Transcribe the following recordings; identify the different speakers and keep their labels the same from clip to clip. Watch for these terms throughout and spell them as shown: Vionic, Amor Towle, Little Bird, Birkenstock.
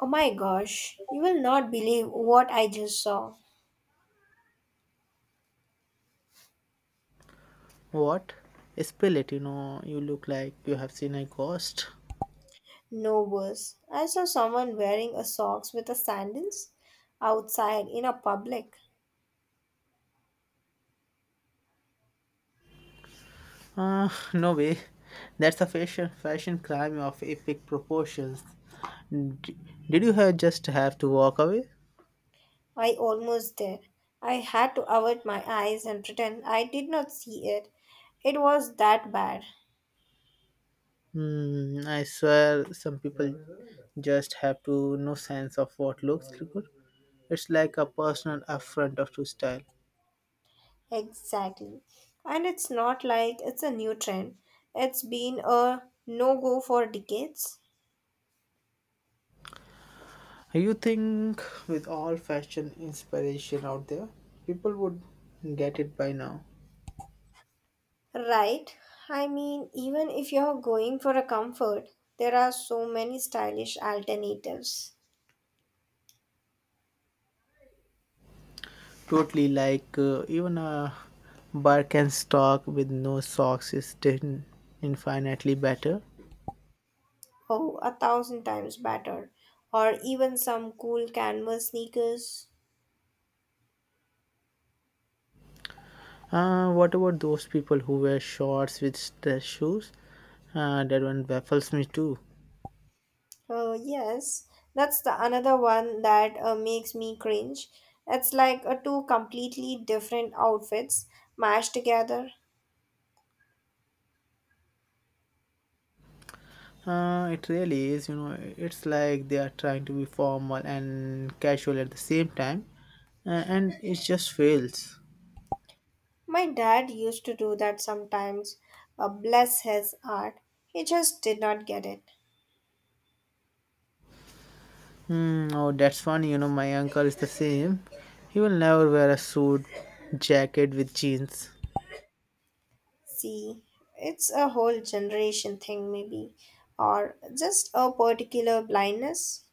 Speaker 1: Oh my gosh, you will not believe what I just saw.
Speaker 2: What? Spell it, you know, you look like you have seen a ghost.
Speaker 1: No worse. I saw someone wearing a socks with a sandals outside in a public.
Speaker 2: Uh, no way. That's a fashion crime of epic proportions. D- did you have just have to walk away?
Speaker 1: I almost did. I had to avert my eyes and pretend I did not see it. It was that bad.
Speaker 2: Hmm, I swear some people just have to no sense of what looks good. It's like a personal affront of to style.
Speaker 1: Exactly. And it's not like it's a new trend. It's been a no go for decades.
Speaker 2: You think with all fashion inspiration out there, people would get it by now.
Speaker 1: Right. I mean, even if you're going for a comfort, there are so many stylish alternatives.
Speaker 2: Totally, like even a Birkenstock with no socks is still infinitely better.
Speaker 1: Oh, a thousand times better. Or even some cool canvas sneakers.
Speaker 2: What about those people who wear shorts with dress shoes? That one baffles me too.
Speaker 1: Oh, yes. That's the another one that makes me cringe. It's like two completely different outfits mashed together.
Speaker 2: It really is, you know, it's like they are trying to be formal and casual at the same time, and it just fails.
Speaker 1: My dad used to do that sometimes. Bless his heart. He just did not get it.
Speaker 2: Hmm, oh, that's funny. You know, my uncle is the same. He will never wear a suit jacket with jeans.
Speaker 1: See, it's a whole generation thing, maybe, or just a particular blindness.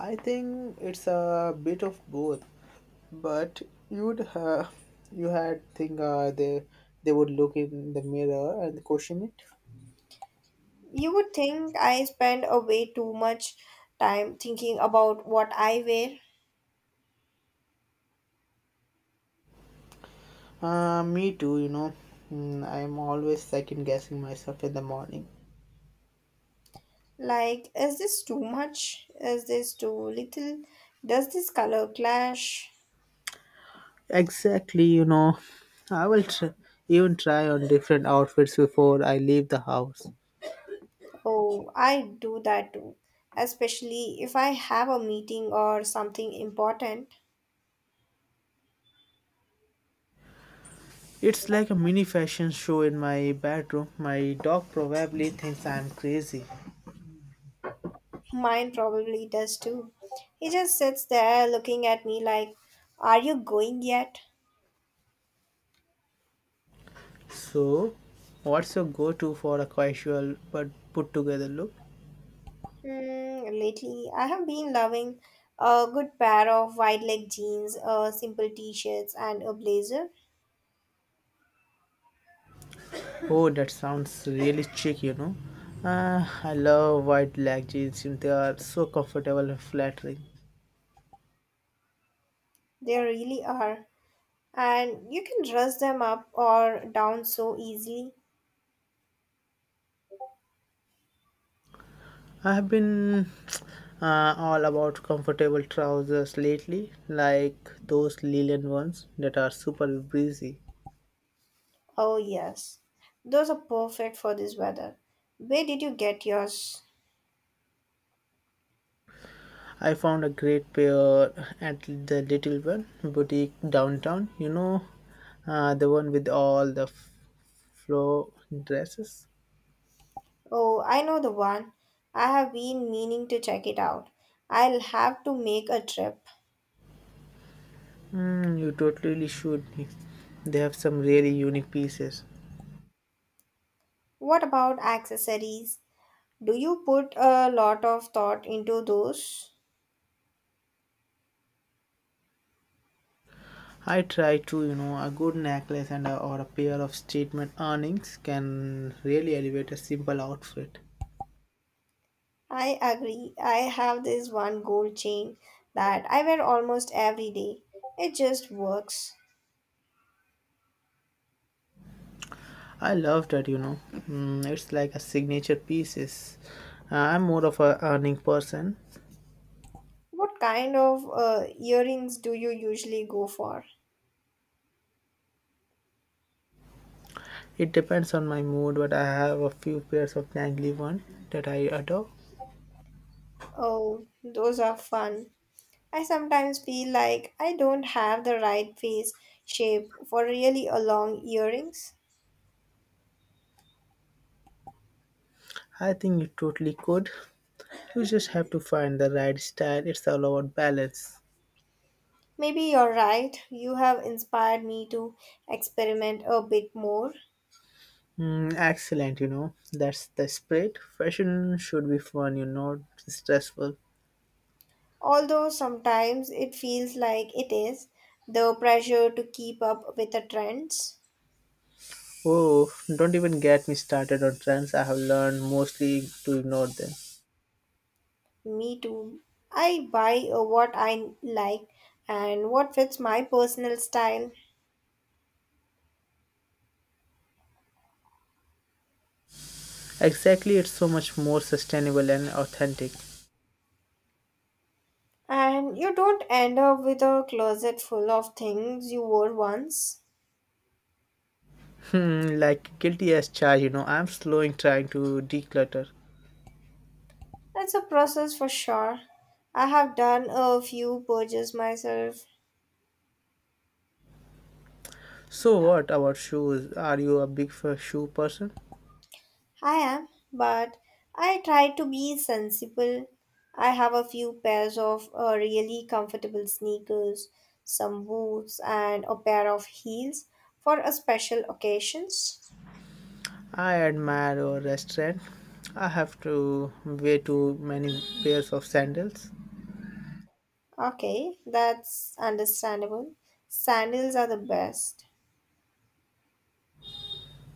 Speaker 2: I think it's a bit of both, but you'd have you had think they would look in the mirror and question it.
Speaker 1: You would think I spend a way too much time thinking about what I wear.
Speaker 2: Me too, you know. Mm, I'm always second guessing myself in the morning.
Speaker 1: Like, is this too much? Is this too little? Does this color clash?
Speaker 2: Exactly, you know. I will tr- even try on different outfits before I leave the house.
Speaker 1: Oh, I do that too, especially if I have a meeting or something important.
Speaker 2: It's like a mini fashion show in my bedroom. My dog probably thinks I'm crazy.
Speaker 1: Mine probably does too. He just sits there looking at me like, are you going yet?
Speaker 2: So, what's your go-to for a casual but put-together look?
Speaker 1: Hmm, lately, I have been loving a good pair of wide leg jeans, a simple t shirts, and a blazer.
Speaker 2: Oh, that sounds really chic, you know. I love white leg jeans. They are so comfortable and flattering.
Speaker 1: They really are. And you can dress them up or down so easily.
Speaker 2: I have been all about comfortable trousers lately, like those linen ones that are super breezy.
Speaker 1: Oh, yes. Those are perfect for this weather. Where did you get yours?
Speaker 2: I found a great pair at the Little Bird boutique downtown. You know, the one with all the flow dresses.
Speaker 1: Oh, I know the one. I have been meaning to check it out. I'll have to make a trip.
Speaker 2: Mm, you totally should. They have some really unique pieces.
Speaker 1: What about accessories? Do you put a lot of thought into those?
Speaker 2: I try to, you know, a good necklace and a, or a pair of statement earrings can really elevate a simple outfit.
Speaker 1: I agree. I have this one gold chain that I wear almost every day. It just works.
Speaker 2: I love that, you know. Mm, it's like a signature pieces. I'm more of a earning person.
Speaker 1: What kind of earrings do you usually go for?
Speaker 2: It depends on my mood, but I have a few pairs of dangly one that I adore.
Speaker 1: Oh, those are fun. I sometimes feel like I don't have the right face shape for really a long earrings.
Speaker 2: I think you totally could. You just have to find the right style. It's all about balance.
Speaker 1: Maybe you're right. You have inspired me to experiment a bit more.
Speaker 2: Mm, excellent, you know. That's the spirit. Fashion should be fun, you know, stressful.
Speaker 1: Although sometimes it feels like it is, the pressure to keep up with the trends.
Speaker 2: Oh, don't even get me started on trends. I have learned mostly to ignore them.
Speaker 1: Me too. I buy what I like and what fits my personal style.
Speaker 2: Exactly, it's so much more sustainable and authentic.
Speaker 1: And you don't end up with a closet full of things you wore once.
Speaker 2: Hmm, like guilty as charged, you know. I'm slowing trying to declutter.
Speaker 1: That's a process for sure. I have done a few purges myself.
Speaker 2: So what about shoes? Are you a big shoe person?
Speaker 1: I am, but I try to be sensible. I have a few pairs of really comfortable sneakers, some boots, and a pair of heels for a special occasions.
Speaker 2: I admire your restaurant. I have to wear too many pairs of sandals.
Speaker 1: Okay, that's understandable. Sandals are the best.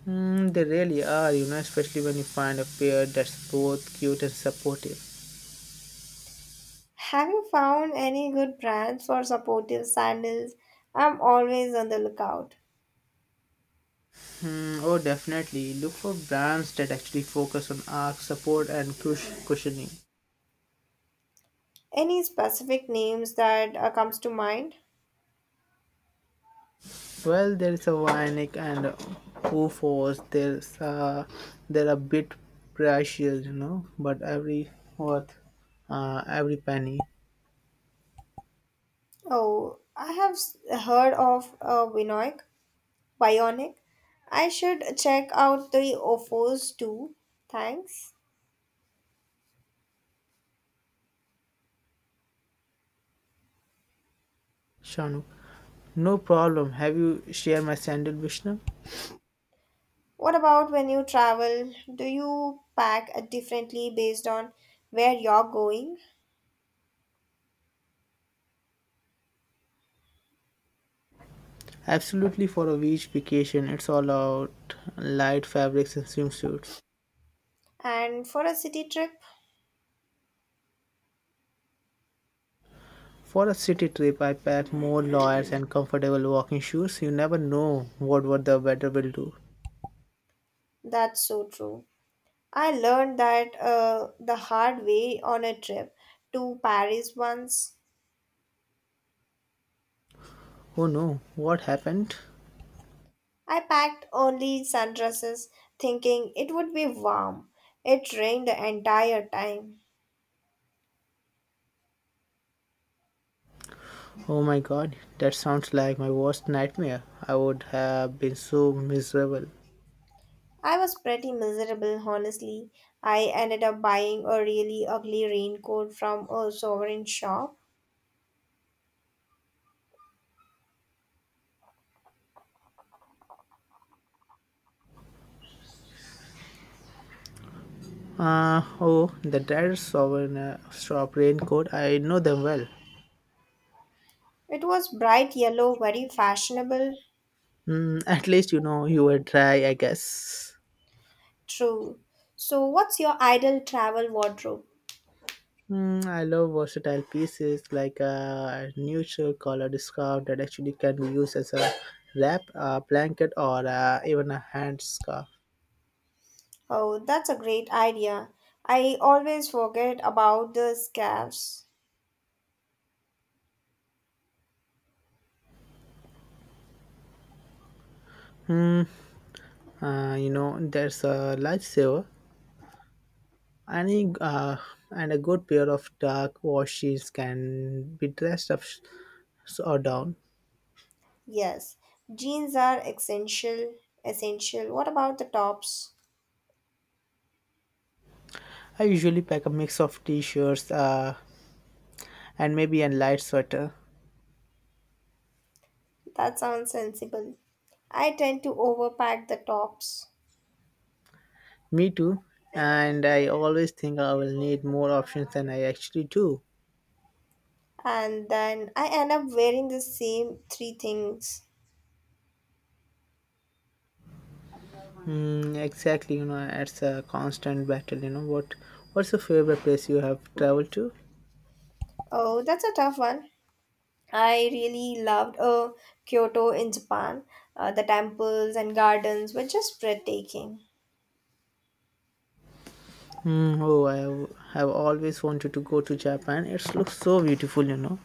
Speaker 2: Mm, they really are, you know, especially when you find a pair that's both cute and supportive.
Speaker 1: Have you found any good brands for supportive sandals? I'm always on the lookout.
Speaker 2: Mm, oh, definitely. Look for brands that actually focus on arch support and cushioning.
Speaker 1: Any specific names that comes to mind?
Speaker 2: Well, there is a Vionic and who force. There's they're a bit precious, you know, but every worth every penny.
Speaker 1: Oh, I have s- heard of Vinoy. Bionic. I should check out the offers too. Thanks.
Speaker 2: Shanu, no problem. Have you shared my sandal, Vishnu?
Speaker 1: What about when you travel? Do you pack differently based on where you're going?
Speaker 2: Absolutely, for a beach vacation. It's all out light fabrics and swimsuits.
Speaker 1: And for a city trip,
Speaker 2: For a city trip, I pack more layers and comfortable walking shoes. You never know what the weather will do.
Speaker 1: that's so true. I learned that the hard way on a trip to Paris once.
Speaker 2: Oh no, what happened?
Speaker 1: I packed only sundresses, thinking it would be warm. It rained the entire time.
Speaker 2: Oh my god, that sounds like my worst nightmare. I would have been so miserable.
Speaker 1: I was pretty miserable, honestly. I ended up buying a really ugly raincoat from a sovereign shop.
Speaker 2: Oh, the dads of an shop raincoat, I know them well.
Speaker 1: It was bright yellow, very fashionable,
Speaker 2: Mm, at least you know you were dry, I guess.
Speaker 1: true. So, what's your ideal travel wardrobe?
Speaker 2: Mm, I love versatile pieces like a neutral colored scarf that actually can be used as a wrap, a blanket, or even a hand scarf.
Speaker 1: Oh, that's a great idea. I always forget about the scarves.
Speaker 2: You know, there's a lifesaver. Any, and a good pair of dark washes can be dressed or down.
Speaker 1: Yes, jeans are essential. Essential. What about the tops?
Speaker 2: I usually pack a mix of t-shirts and maybe a light sweater.
Speaker 1: That sounds sensible. I tend to overpack the tops.
Speaker 2: Me too. And I always think I will need more options than I actually do.
Speaker 1: And then I end up wearing the same three things.
Speaker 2: Mm, exactly, you know, it's a constant battle. You know what? What's your favorite place you have traveled to?
Speaker 1: Oh, that's a tough one. I really loved Kyoto in Japan. The temples and gardens were just breathtaking.
Speaker 2: Mm, oh, I have always wanted to go to Japan. It looks so beautiful, you know.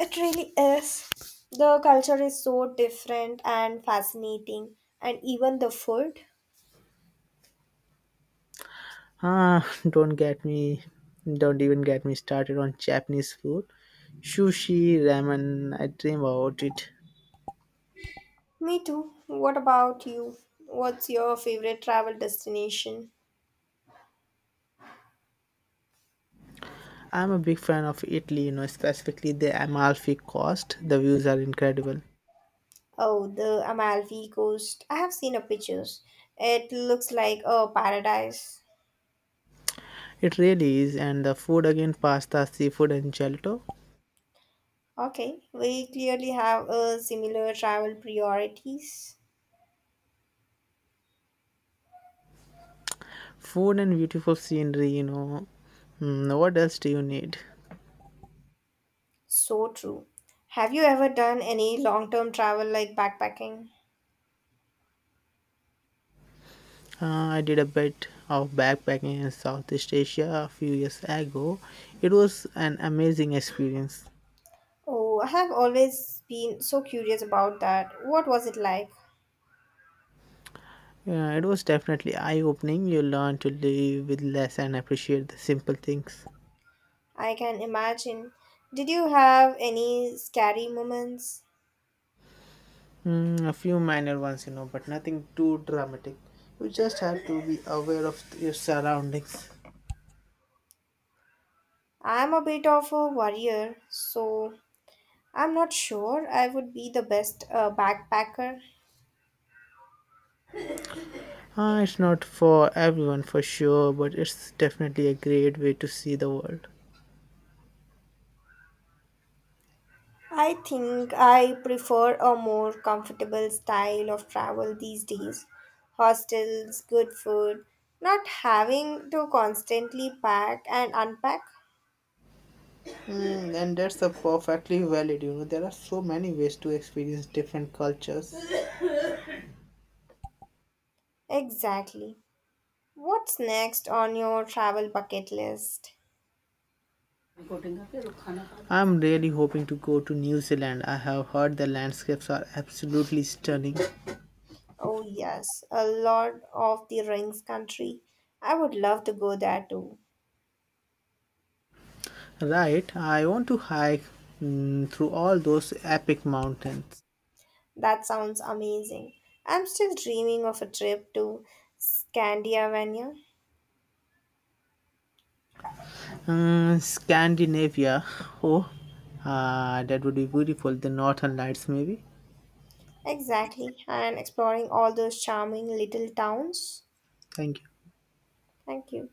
Speaker 1: It really is. The culture is so different and fascinating, and even the food.
Speaker 2: Ah, don't get me, don't even get me started on Japanese food. Sushi, ramen, I dream about it.
Speaker 1: Me too. What about you? What's your favorite travel destination?
Speaker 2: I'm a big fan of Italy, you know, specifically the Amalfi Coast. The views are incredible.
Speaker 1: Oh, the Amalfi Coast. I have seen a pictures. It looks like a paradise.
Speaker 2: It really is, and the food again pasta, seafood, and gelato.
Speaker 1: Okay, we clearly have a similar travel priorities.
Speaker 2: Food and beautiful scenery, you know. Hmm, what else do you need?
Speaker 1: So true. Have you ever done any long-term travel like backpacking?
Speaker 2: Uh, I did a bit of backpacking in Southeast Asia a few years ago. It was an amazing experience.
Speaker 1: Oh, I have always been so curious about that. What was it like?
Speaker 2: Yeah, it was definitely eye-opening. You learn to live with less and appreciate the simple things.
Speaker 1: I can imagine. Did you have any scary moments?
Speaker 2: Mm, a few minor ones, you know, but nothing too dramatic. You just have to be aware of your surroundings.
Speaker 1: I'm a bit of a worrier, so I'm not sure I would be the best backpacker.
Speaker 2: Ah, it's not for everyone for sure, but it's definitely a great way to see the world.
Speaker 1: I think I prefer a more comfortable style of travel these days. Hostels, good food, not having to constantly pack and unpack.
Speaker 2: Mm, and that's a perfectly valid, you know. There are so many ways to experience different cultures.
Speaker 1: Exactly. What's next on your travel bucket list?
Speaker 2: I'm really hoping to go to New Zealand. I have heard the landscapes are absolutely stunning.
Speaker 1: Oh, yes, a lot of the rings country. I would love to go there too.
Speaker 2: Right, I want to hike through all those epic mountains.
Speaker 1: That sounds amazing. I'm still dreaming of a trip to Scandinavia.
Speaker 2: Mm, Scandinavia. Oh, that would be beautiful. The Northern Lights, maybe.
Speaker 1: Exactly, and exploring all those charming little towns.
Speaker 2: Thank you.
Speaker 1: Thank you.